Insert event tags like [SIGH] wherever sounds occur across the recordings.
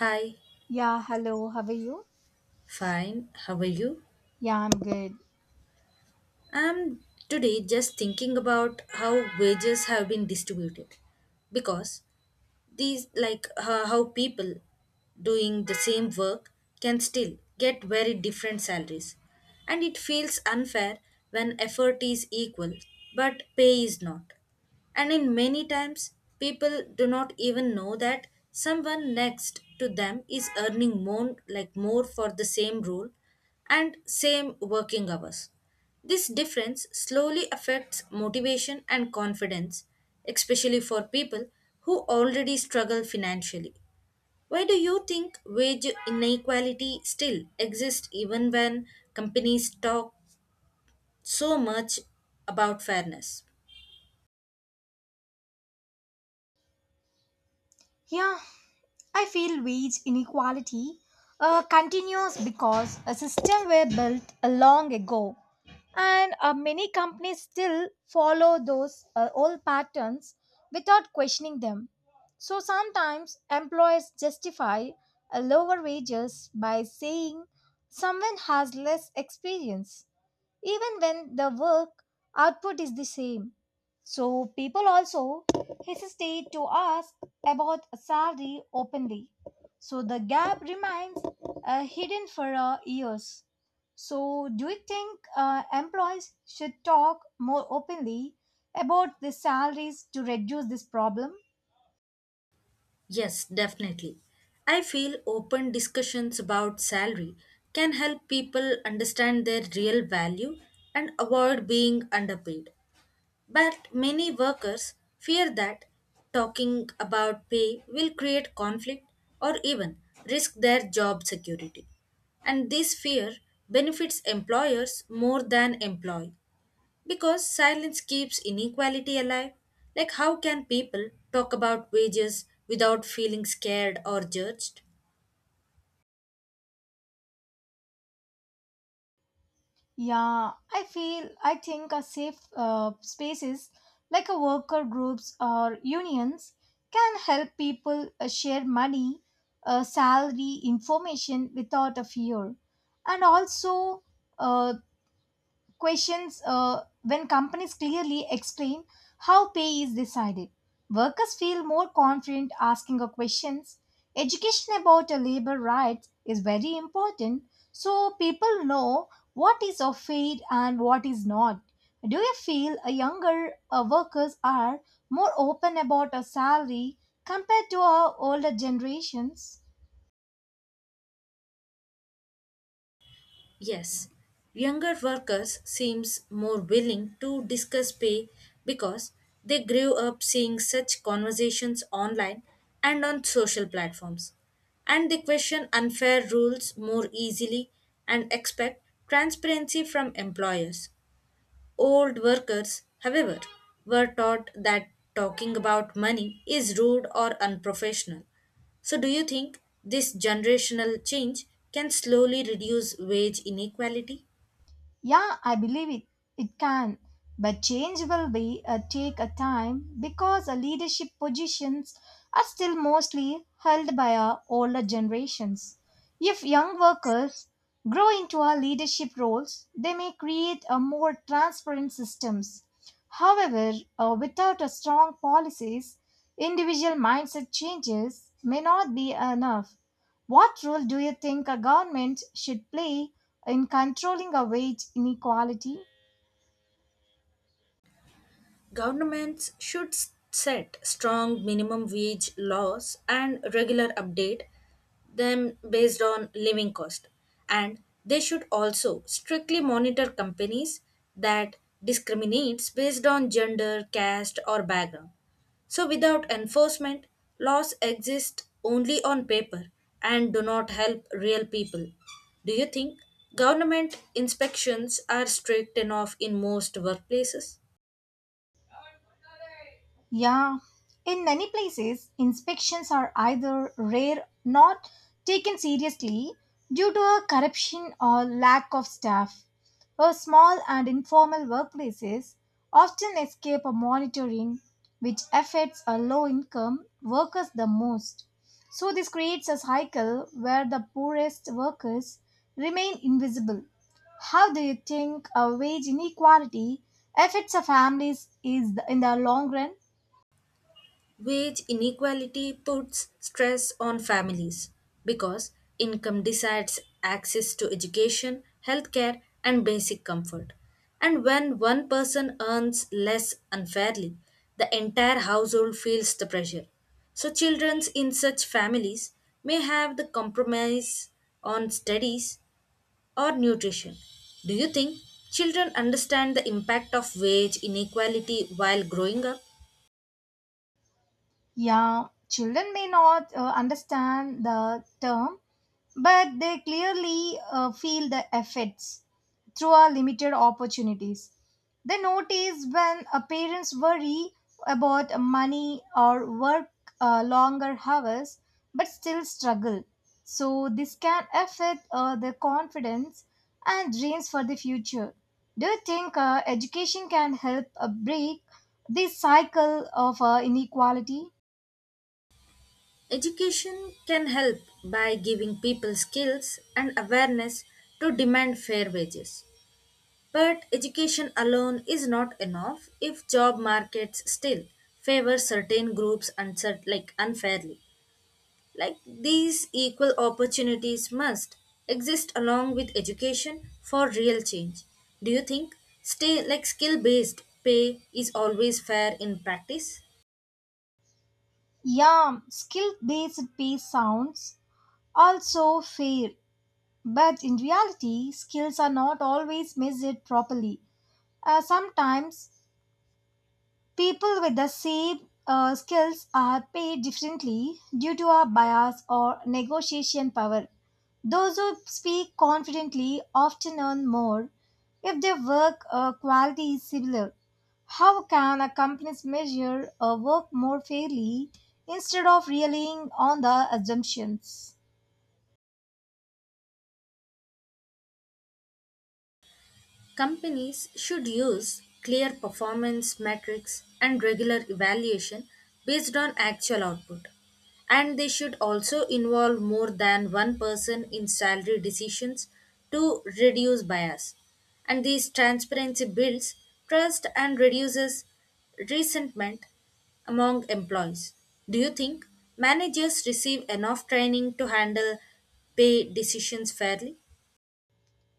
Hi, Yeah, hello, how are you? fine. How are you? Yeah, I'm good. I'm today just thinking about how wages have been distributed because how people doing the same work can still get very different salaries. And it feels unfair when effort is equal but pay is not. And in many times, people do not even know that someone next to them is earning more, like more for the same role and same working hours. This difference slowly affects motivation and confidence, especially for people who already struggle financially. Why do you think wage inequality still exists even when companies talk so much about fairness? Yeah, I feel wage inequality continues because a system were built a long ago and many companies still follow those old patterns without questioning them. So sometimes employers justify lower wages by saying someone has less experience even when the work output is the same. So people also hesitate to ask about a salary openly. So the gap remains hidden for years. So do you think employees should talk more openly about the salaries to reduce this problem? Yes, definitely. I feel open discussions about salary can help people understand their real value and avoid being underpaid. But many workers fear that talking about pay will create conflict or even risk their job security. And this fear benefits employers more than employee because silence keeps inequality alive. Like, how can people talk about wages without feeling scared or judged? Yeah, I think a safe spaces like a worker groups or unions can help people share money, salary information without a fear, and also uh, questions when companies clearly explain how pay is decided. Workers feel more confident asking a questions. Education about a labor rights is very important so people know what is a fair and what is not. Do you feel a younger workers are more open about a salary compared to our older generations? Yes, younger workers seems more willing to discuss pay because they grew up seeing such conversations online and on social platforms. And they question unfair rules more easily and expect transparency from employers. Old workers, however, were taught that talking about money is rude or unprofessional. So, do you think this generational change can slowly reduce wage inequality? Yeah, I believe it. It can. But change will be a take a time because a leadership positions are still mostly held by our older generations. If young workers grow into our leadership roles, they may create a more transparent systems. However, without a strong policies, individual mindset changes may not be enough. What role do you think a government should play in controlling a wage inequality? Governments should set strong minimum wage laws and regular update them based on living cost. And they should also strictly monitor companies that discriminates based on gender, caste or background. So without enforcement, laws exist only on paper and do not help real people. Do you think government inspections are strict enough in most workplaces? Yeah, in many places, inspections are either rare, not taken seriously due to a corruption or lack of staff. Or small and informal workplaces often escape a monitoring, which affects a low income workers the most. So, this creates a cycle where the poorest workers remain invisible. How do you think a wage inequality affects a families is in the long run? Wage inequality puts stress on families because income decides access to education, healthcare, and basic comfort. And when one person earns less unfairly, the entire household feels the pressure. So, children in such families may have the compromise on studies or nutrition. Do you think children understand the impact of wage inequality while growing up? Yeah, children may not understand the term, but they clearly feel the effects through our limited opportunities. They notice when parents worry about money or work longer hours but still struggle. So, this can affect their confidence and dreams for the future. Do you think education can help break this cycle of inequality? Education can help by giving people skills and awareness to demand fair wages. But education alone is not enough if job markets still favor certain groups unfairly. Like these equal opportunities must exist along with education for real change. Do you think stay like skill based pay is always fair in practice? Yeah, skill based pay sounds also fair, but in reality, skills are not always measured properly. Sometimes people with the same skills are paid differently due to a bias or negotiation power. Those who speak confidently often earn more if their work quality is similar. How can a company measure a work more fairly instead of relying on the assumptions? Companies should use clear performance metrics and regular evaluation based on actual output. And they should also involve more than one person in salary decisions to reduce bias. And this transparency builds trust and reduces resentment among employees. Do you think managers receive enough training to handle pay decisions fairly?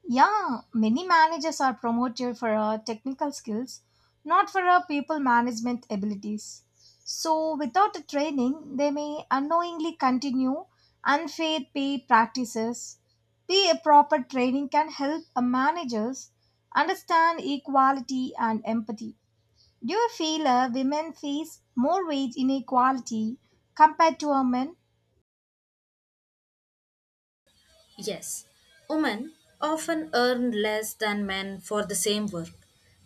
Yeah, many managers are promoted for our technical skills, not for our people management abilities. So, without the training, they may unknowingly continue unfair pay practices. Be a proper training can help a managers understand equality and empathy. Do you feel women face more wage inequality compared to a men? Yes, women often earn less than men for the same work,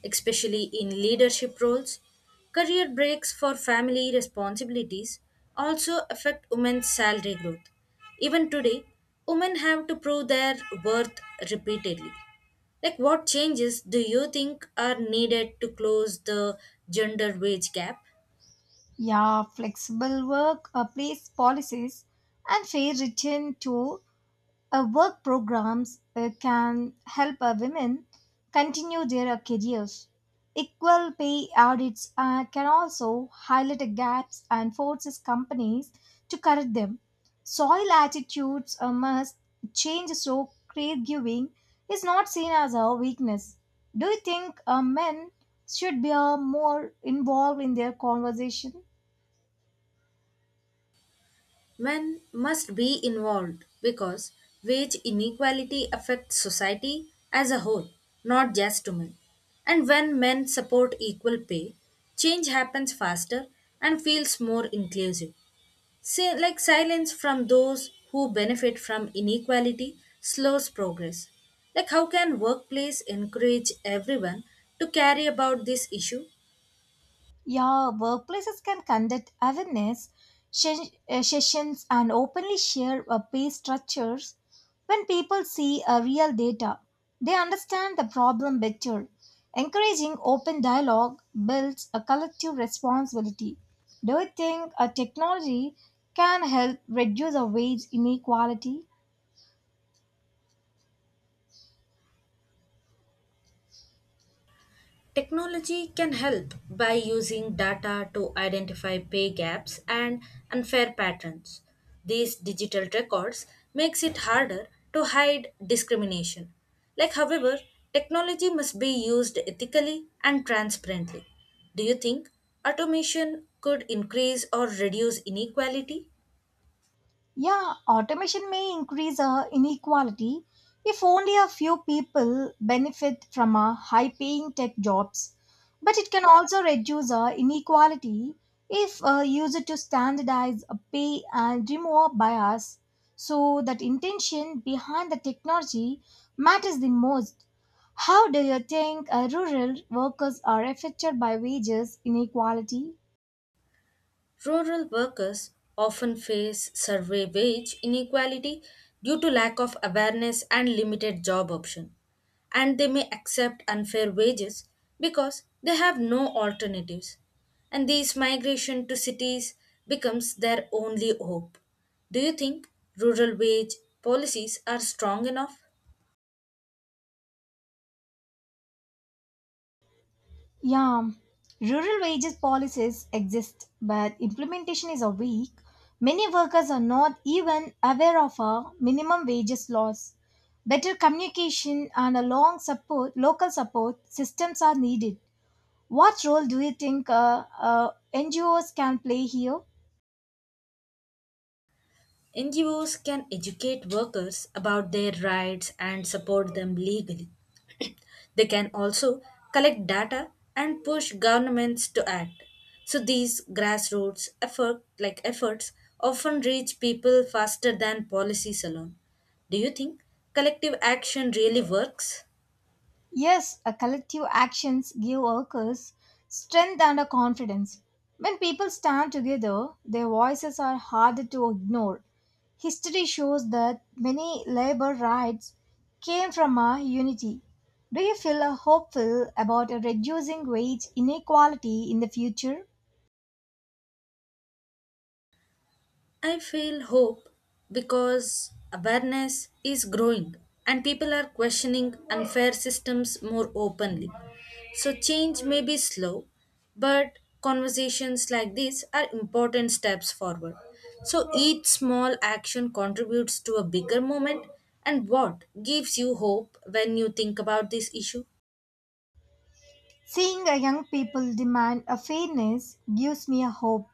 especially in leadership roles. Career breaks for family responsibilities also affect women's salary growth. Even today, women have to prove their worth repeatedly. Like, what changes do you think are needed to close the gender wage gap? Yeah, flexible work, place policies, and fair return to work programs can help women continue their careers. Equal pay audits can also highlight gaps and forces companies to correct them. Soil attitudes must change so caregiving is not seen as a weakness. Do you think men should be more involved in their conversation? Men must be involved because wage inequality affects society as a whole, not just women. And when men support equal pay, change happens faster and feels more inclusive. Say, like silence from those who benefit from inequality slows progress. Like, how can workplace encourage everyone to carry about this issue? Yeah, workplaces can conduct awareness sessions and openly share pay structures. When people see real data, they understand the problem better. Encouraging open dialogue builds a collective responsibility. Do you think a technology can help reduce a wage inequality? Technology can help by using data to identify pay gaps and unfair patterns. These digital records makes it harder to hide discrimination. Like however, technology must be used ethically and transparently. Do you think automation could increase or reduce inequality? Yeah, automation may increase inequality if only a few people benefit from high paying tech jobs. But it can also reduce inequality if used to standardize pay and remove bias. So, that intention behind the technology matters the most. How do you think rural workers are affected by wages inequality? Rural workers often face survey wage inequality due to lack of awareness and limited job option and they may accept unfair wages because they have no alternatives and these migration to cities becomes their only hope. Do you think rural wage policies are strong enough? Yeah, rural wages policies exist, but implementation is a weak. Many workers are not even aware of our minimum wages laws. Better communication and a long support, local support systems are needed. What role do you think NGOs can play here? NGOs can educate workers about their rights and support them legally. [CLEARS THROAT] They can also collect data and push governments to act. So these grassroots effort like efforts often reach people faster than policies alone. Do you think collective action really works? Yes, a collective actions give workers strength and a confidence. When people stand together, their voices are harder to ignore. History shows that many labor rights came from our unity. Do you feel hopeful about reducing wage inequality in the future? I feel hope because awareness is growing and people are questioning unfair systems more openly. So, change may be slow, but conversations like these are important steps forward. So, each small action contributes to a bigger moment. And what gives you hope when you think about this issue? Seeing a young people demand a fairness gives me a hope.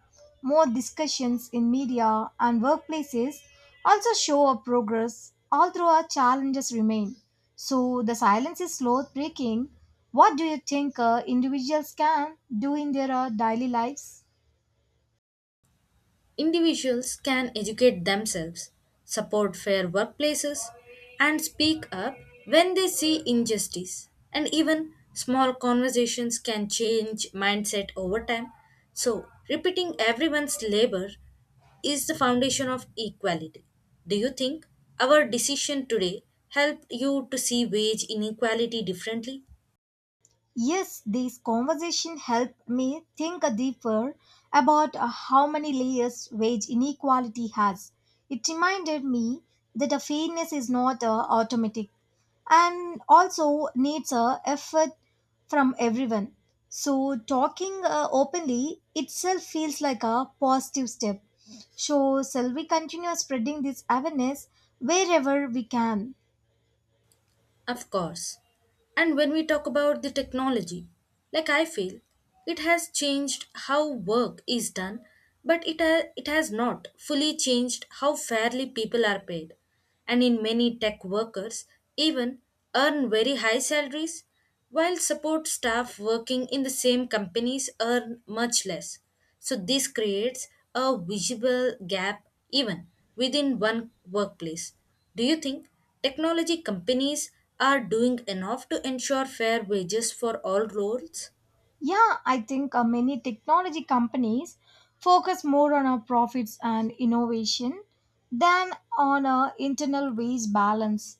More discussions in media and workplaces also show a progress, although our challenges remain. So the silence is slow breaking. What do you think individuals can do in their daily lives? Individuals can educate themselves, support fair workplaces, and speak up when they see injustice. And even small conversations can change mindset over time. So, repeating everyone's labor is the foundation of equality. Do you think our decision today helped you to see wage inequality differently? Yes, this conversation helped me think deeper about how many layers wage inequality has. It reminded me that a fairness is not automatic and also needs a effort from everyone. So talking openly itself feels like a positive step. So shall we continue spreading this awareness wherever we can? Of course. And when we talk about the technology, like I feel, it has changed how work is done, but it has not fully changed how fairly people are paid. And in many tech workers, even earn very high salaries, while support staff working in the same companies earn much less. So this creates a visible gap even within one workplace. Do you think technology companies are doing enough to ensure fair wages for all roles? Yeah, I think many technology companies focus more on our profits and innovation than on our internal wage balance.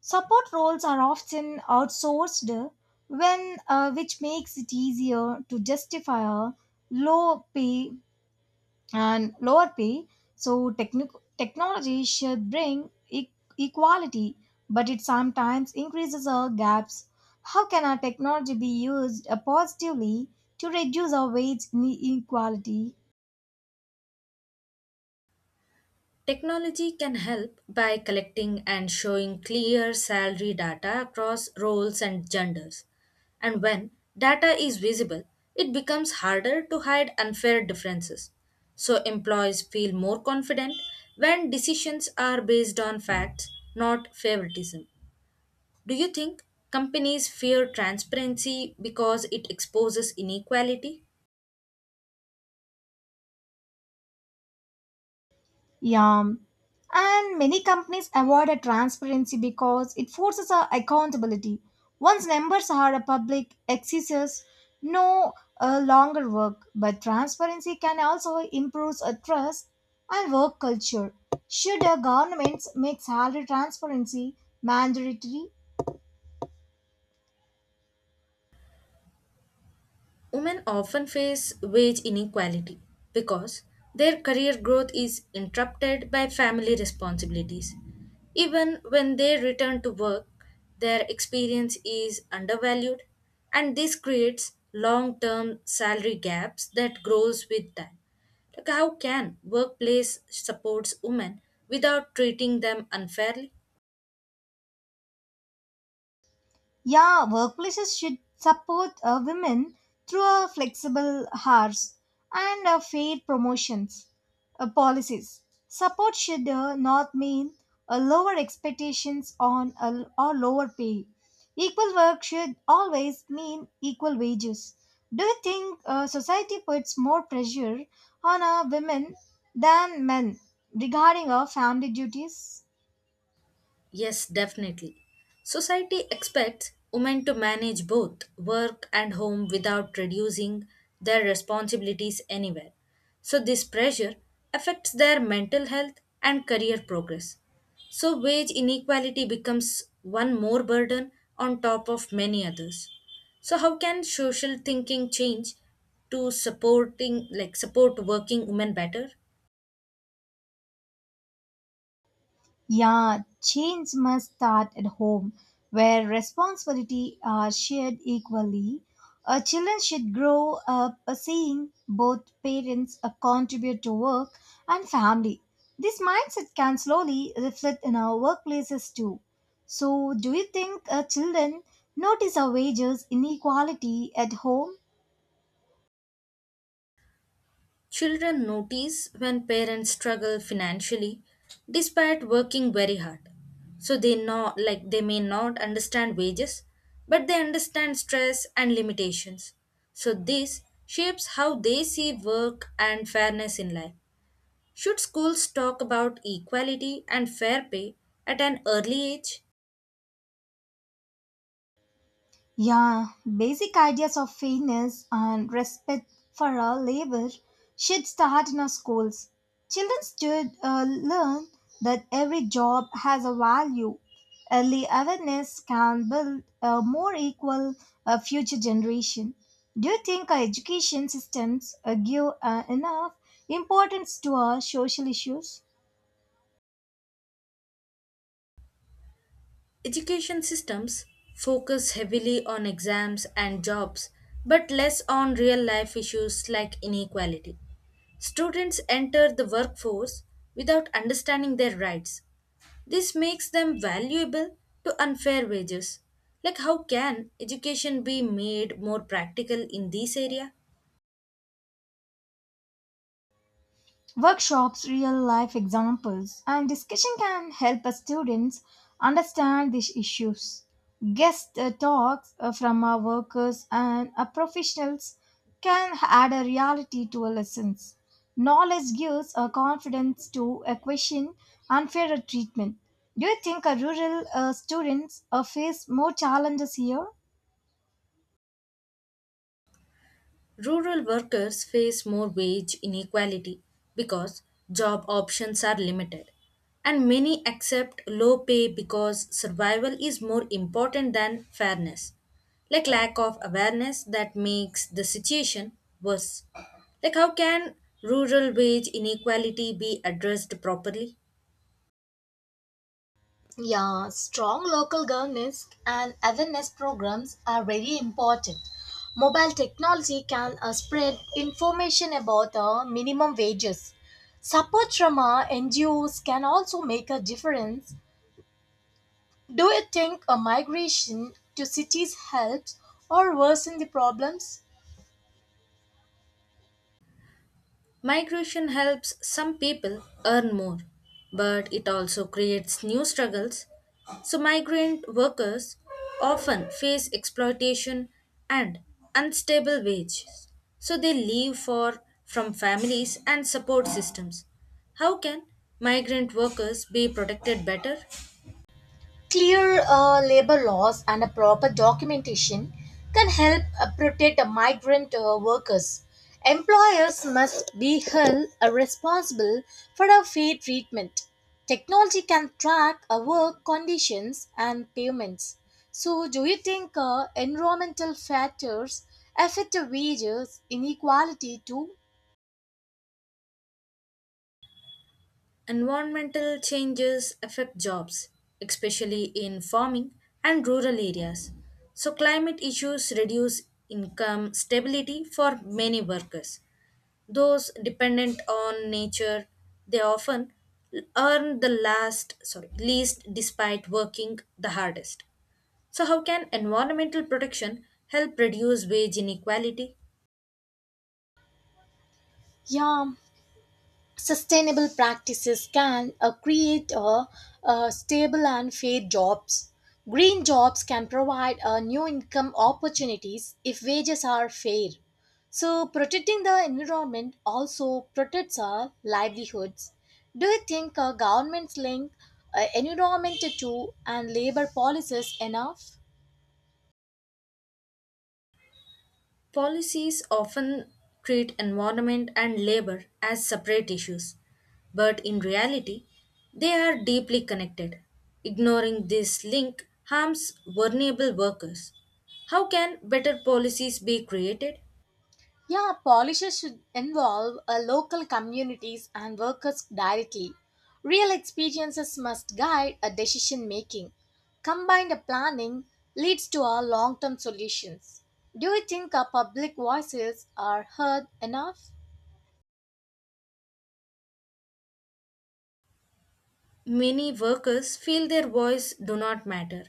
Support roles are often outsourced, when which makes it easier to justify a low pay and lower pay. So technology should bring equality, but it sometimes increases our gaps. How can our technology be used positively to reduce our wage inequality? Technology can help by collecting and showing clear salary data across roles and genders. And when data is visible, it becomes harder to hide unfair differences. So employees feel more confident when decisions are based on facts, not favoritism. Do you think companies fear transparency because it exposes inequality? Yeah. And many companies avoid a transparency because it forces a accountability. Once numbers are a public, excesses no longer work. But transparency can also improve a trust and work culture. Should a governments make salary transparency mandatory? Women often face wage inequality because their career growth is interrupted by family responsibilities. Even when they return to work, their experience is undervalued and this creates long-term salary gaps that grows with time. Like how can workplace supports women without treating them unfairly? Yeah, workplaces should support women through flexible hours and fair promotions policies. Support should not mean lower expectations on a, or lower pay. Equal work should always mean equal wages. Do you think society puts more pressure on women than men regarding our family duties? Yes, definitely. Society expects women to manage both work and home without reducing their responsibilities anywhere. So, this pressure affects their mental health and career progress. So, wage inequality becomes one more burden on top of many others. So, how can social thinking change to support working women better? Yeah, change must start at home, where responsibility are shared equally. Children should grow up seeing both parents contribute to work and family. This mindset can slowly reflect in our workplaces too. So, do you think children notice our wages inequality at home? Children notice when parents struggle financially despite working very hard. So they know like they may not understand wages, but they understand stress and limitations. So this shapes how they see work and fairness in life. Should schools talk about equality and fair pay at an early age? Yeah, basic ideas of fairness and respect for our labor should start in our schools. Children should learn that every job has a value. Early awareness can build a more equal future generation. Do you think our education systems give enough importance to our social issues? Education systems focus heavily on exams and jobs, but less on real life issues like inequality. Students enter the workforce without understanding their rights. This makes them valuable to unfair wages. Like, how can education be made more practical in this area? Workshops, real life examples, and discussion can help us students understand these issues. Guest talks from our workers and our professionals can add a reality to our lessons. Knowledge gives a confidence to a question unfair treatment. Do you think our rural students face more challenges here? Rural workers face more wage inequality because job options are limited, and many accept low pay because survival is more important than fairness. Like lack of awareness that makes the situation worse. Like how can rural wage inequality be addressed properly? Yeah, strong local governance and awareness programs are very important. Mobile technology can spread information about minimum wages. Support from NGOs can also make a difference. Do you think a migration to cities helps or worsen the problems? Migration helps some people earn more, but it also creates new struggles. So, migrant workers often face exploitation and unstable wages. So, they leave for from families and support systems. How can migrant workers be protected better? Clear labor laws and a proper documentation can help protect migrant workers. Employers must be held responsible for a fair treatment. Technology can track work conditions and payments. So, do you think environmental factors affect wages inequality too? Environmental changes affect jobs, especially in farming and rural areas. So, climate issues reduce income stability for many workers. Those dependent on nature, they often earn the last, sorry, least despite working the hardest. So, how can environmental protection help reduce wage inequality? Yeah, sustainable practices can create stable and fair jobs. Green jobs can provide new income opportunities if wages are fair. So, protecting the environment also protects our livelihoods. Do you think governments link environment to and labor policies enough? Policies often treat environment and labor as separate issues, but in reality, they are deeply connected. Ignoring this link harms vulnerable workers. How can better policies be created? Yeah, policies should involve local communities and workers directly. Real experiences must guide a decision making. Combined planning leads to our long term solutions. Do you think our public voices are heard enough? Many workers feel their voice do not matter,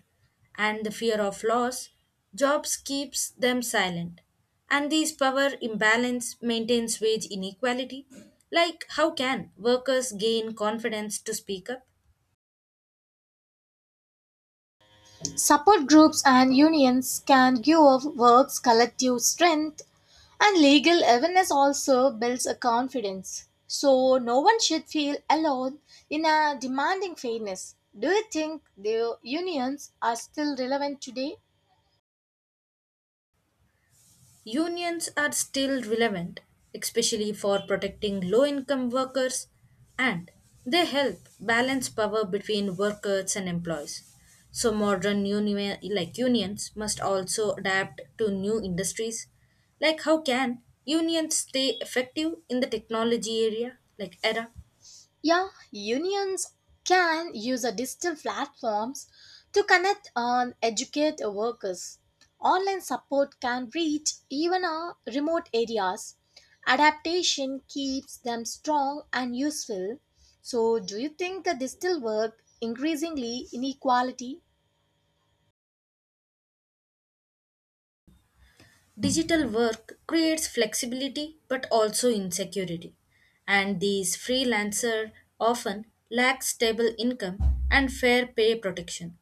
and the fear of loss jobs keeps them silent. And this power imbalance maintains wage inequality. Like how can workers gain confidence to speak up? Support groups and unions can give our works collective strength, and legal awareness also builds a confidence. So, no one should feel alone in a demanding fairness. Do you think the unions are still relevant today? Unions are still relevant, especially for protecting low income workers, and they help balance power between workers and employees. So, modern union, like unions must also adapt to new industries. Like, how can unions stay effective in the technology area, like era? Yeah, unions can use a digital platforms to connect and educate workers. Online support can reach even our remote areas. Adaptation keeps them strong and useful. So, do you think the digital work increasingly inequality? Digital work creates flexibility but also insecurity, and these freelancers often lack stable income and fair pay protection.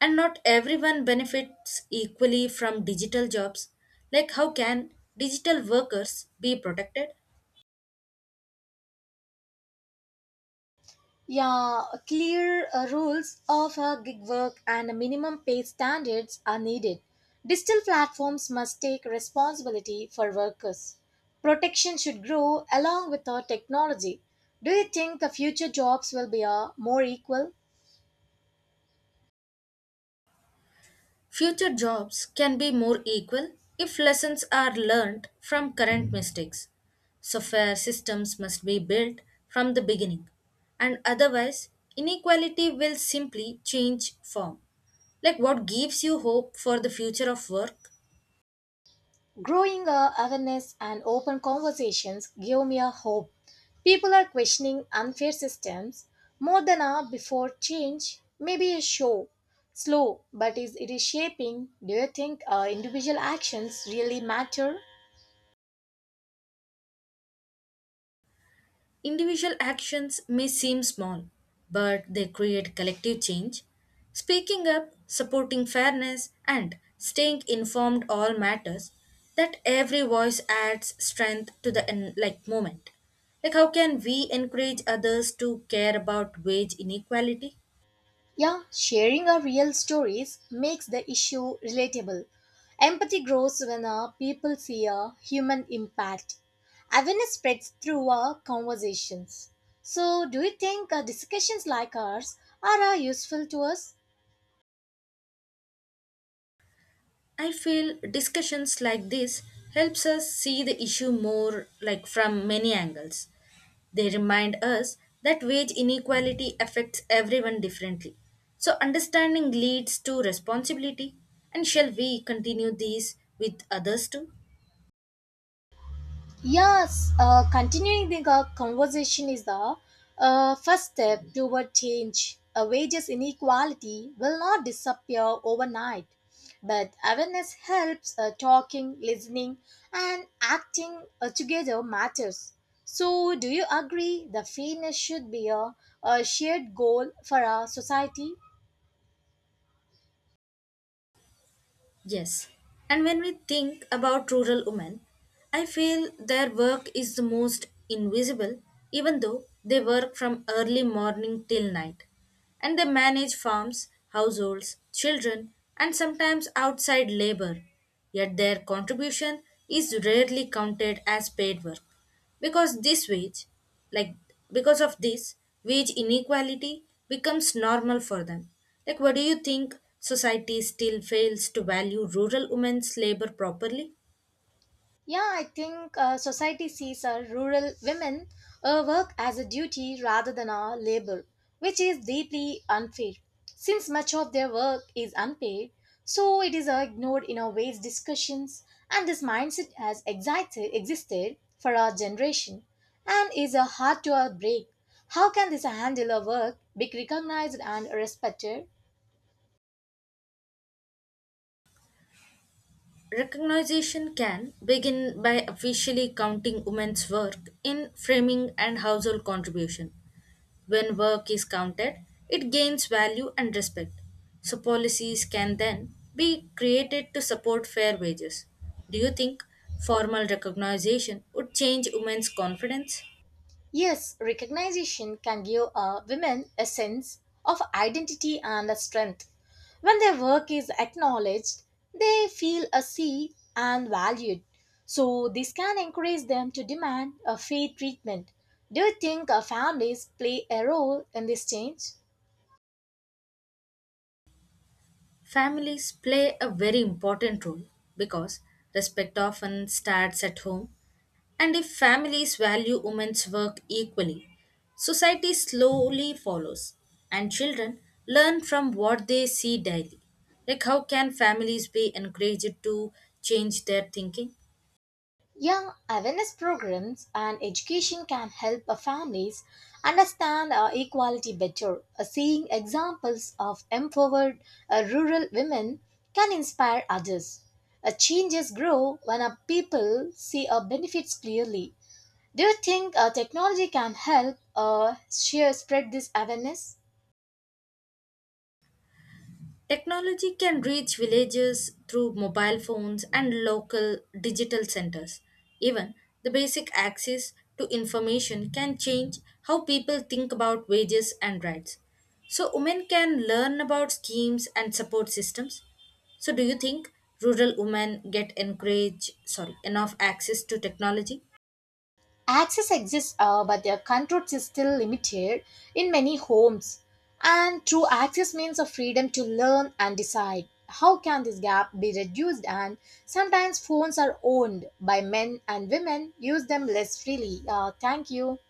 And not everyone benefits equally from digital jobs. Like, how can digital workers be protected? Yeah, clear rules of gig work and minimum pay standards are needed. Digital platforms must take responsibility for workers. Protection should grow along with our technology. Do you think the future jobs will be more equal? Future jobs can be more equal if lessons are learned from current mistakes. So, fair systems must be built from the beginning, and otherwise, inequality will simply change form. Like, what gives you hope for the future of work? Growing awareness and open conversations give me a hope. People are questioning unfair systems more than ever before change may be a show. Slow, but is it is shaping. Do you think individual actions really matter? Individual actions may seem small, but they create collective change. Speaking up, supporting fairness, and staying informed all matters that every voice adds strength to the movement. Like how can we encourage others to care about wage inequality? Yeah, sharing our real stories makes the issue relatable. Empathy grows when people see a human impact. Awareness spreads through our conversations. So, do you think discussions like ours are useful to us? I feel discussions like this helps us see the issue more like from many angles. They remind us that wage inequality affects everyone differently. So understanding leads to responsibility and shall we continue these with others too? Yes, continuing the conversation is the first step toward change. Wages inequality will not disappear overnight, but awareness helps talking, listening, and acting together matters. So, do you agree the fairness should be a shared goal for our society? Yes. And when we think about rural women, I feel their work is the most invisible, even though they work from early morning till night. And they manage farms, households, children, and sometimes outside labor. Yet their contribution is rarely counted as paid work because this wage like because of this wage inequality becomes normal for them. Like what do you think society still fails to value rural women's labor properly? Yeah, I think society sees rural women work as a duty rather than a labor, which is deeply unfair. Since much of their work is unpaid, so it is ignored in our wage discussions, and this mindset has existed for our generation and is hard to break. How can this handle of work be recognized and respected? Recognition can begin by officially counting women's work in framing and household contribution. When work is counted, it gains value and respect. So, policies can then be created to support fair wages. Do you think formal recognition would change women's confidence? Yes, recognition can give women a sense of identity and a strength. When their work is acknowledged, they feel a see and valued. So this can encourage them to demand a fair treatment. Do you think families play a role in this change? Families play a very important role because respect often starts at home. And if families value women's work equally, society slowly follows, and children learn from what they see daily. Like, how can families be encouraged to change their thinking? Yeah, awareness programs and education can help families understand equality better. Seeing examples of empowered rural women can inspire others. Changes grow when people see benefits clearly. Do you think technology can help share spread this awareness? Technology can reach villages through mobile phones and local digital centers. Even the basic access to information can change how people think about wages and rights. So, women can learn about schemes and support systems. So, do you think rural women get encouraged, sorry, enough access to technology? Access exists, but their controls is still limited in many homes. And true access means a freedom to learn and decide. How can this gap be reduced? And sometimes phones are owned by men and women use them less freely. Thank you.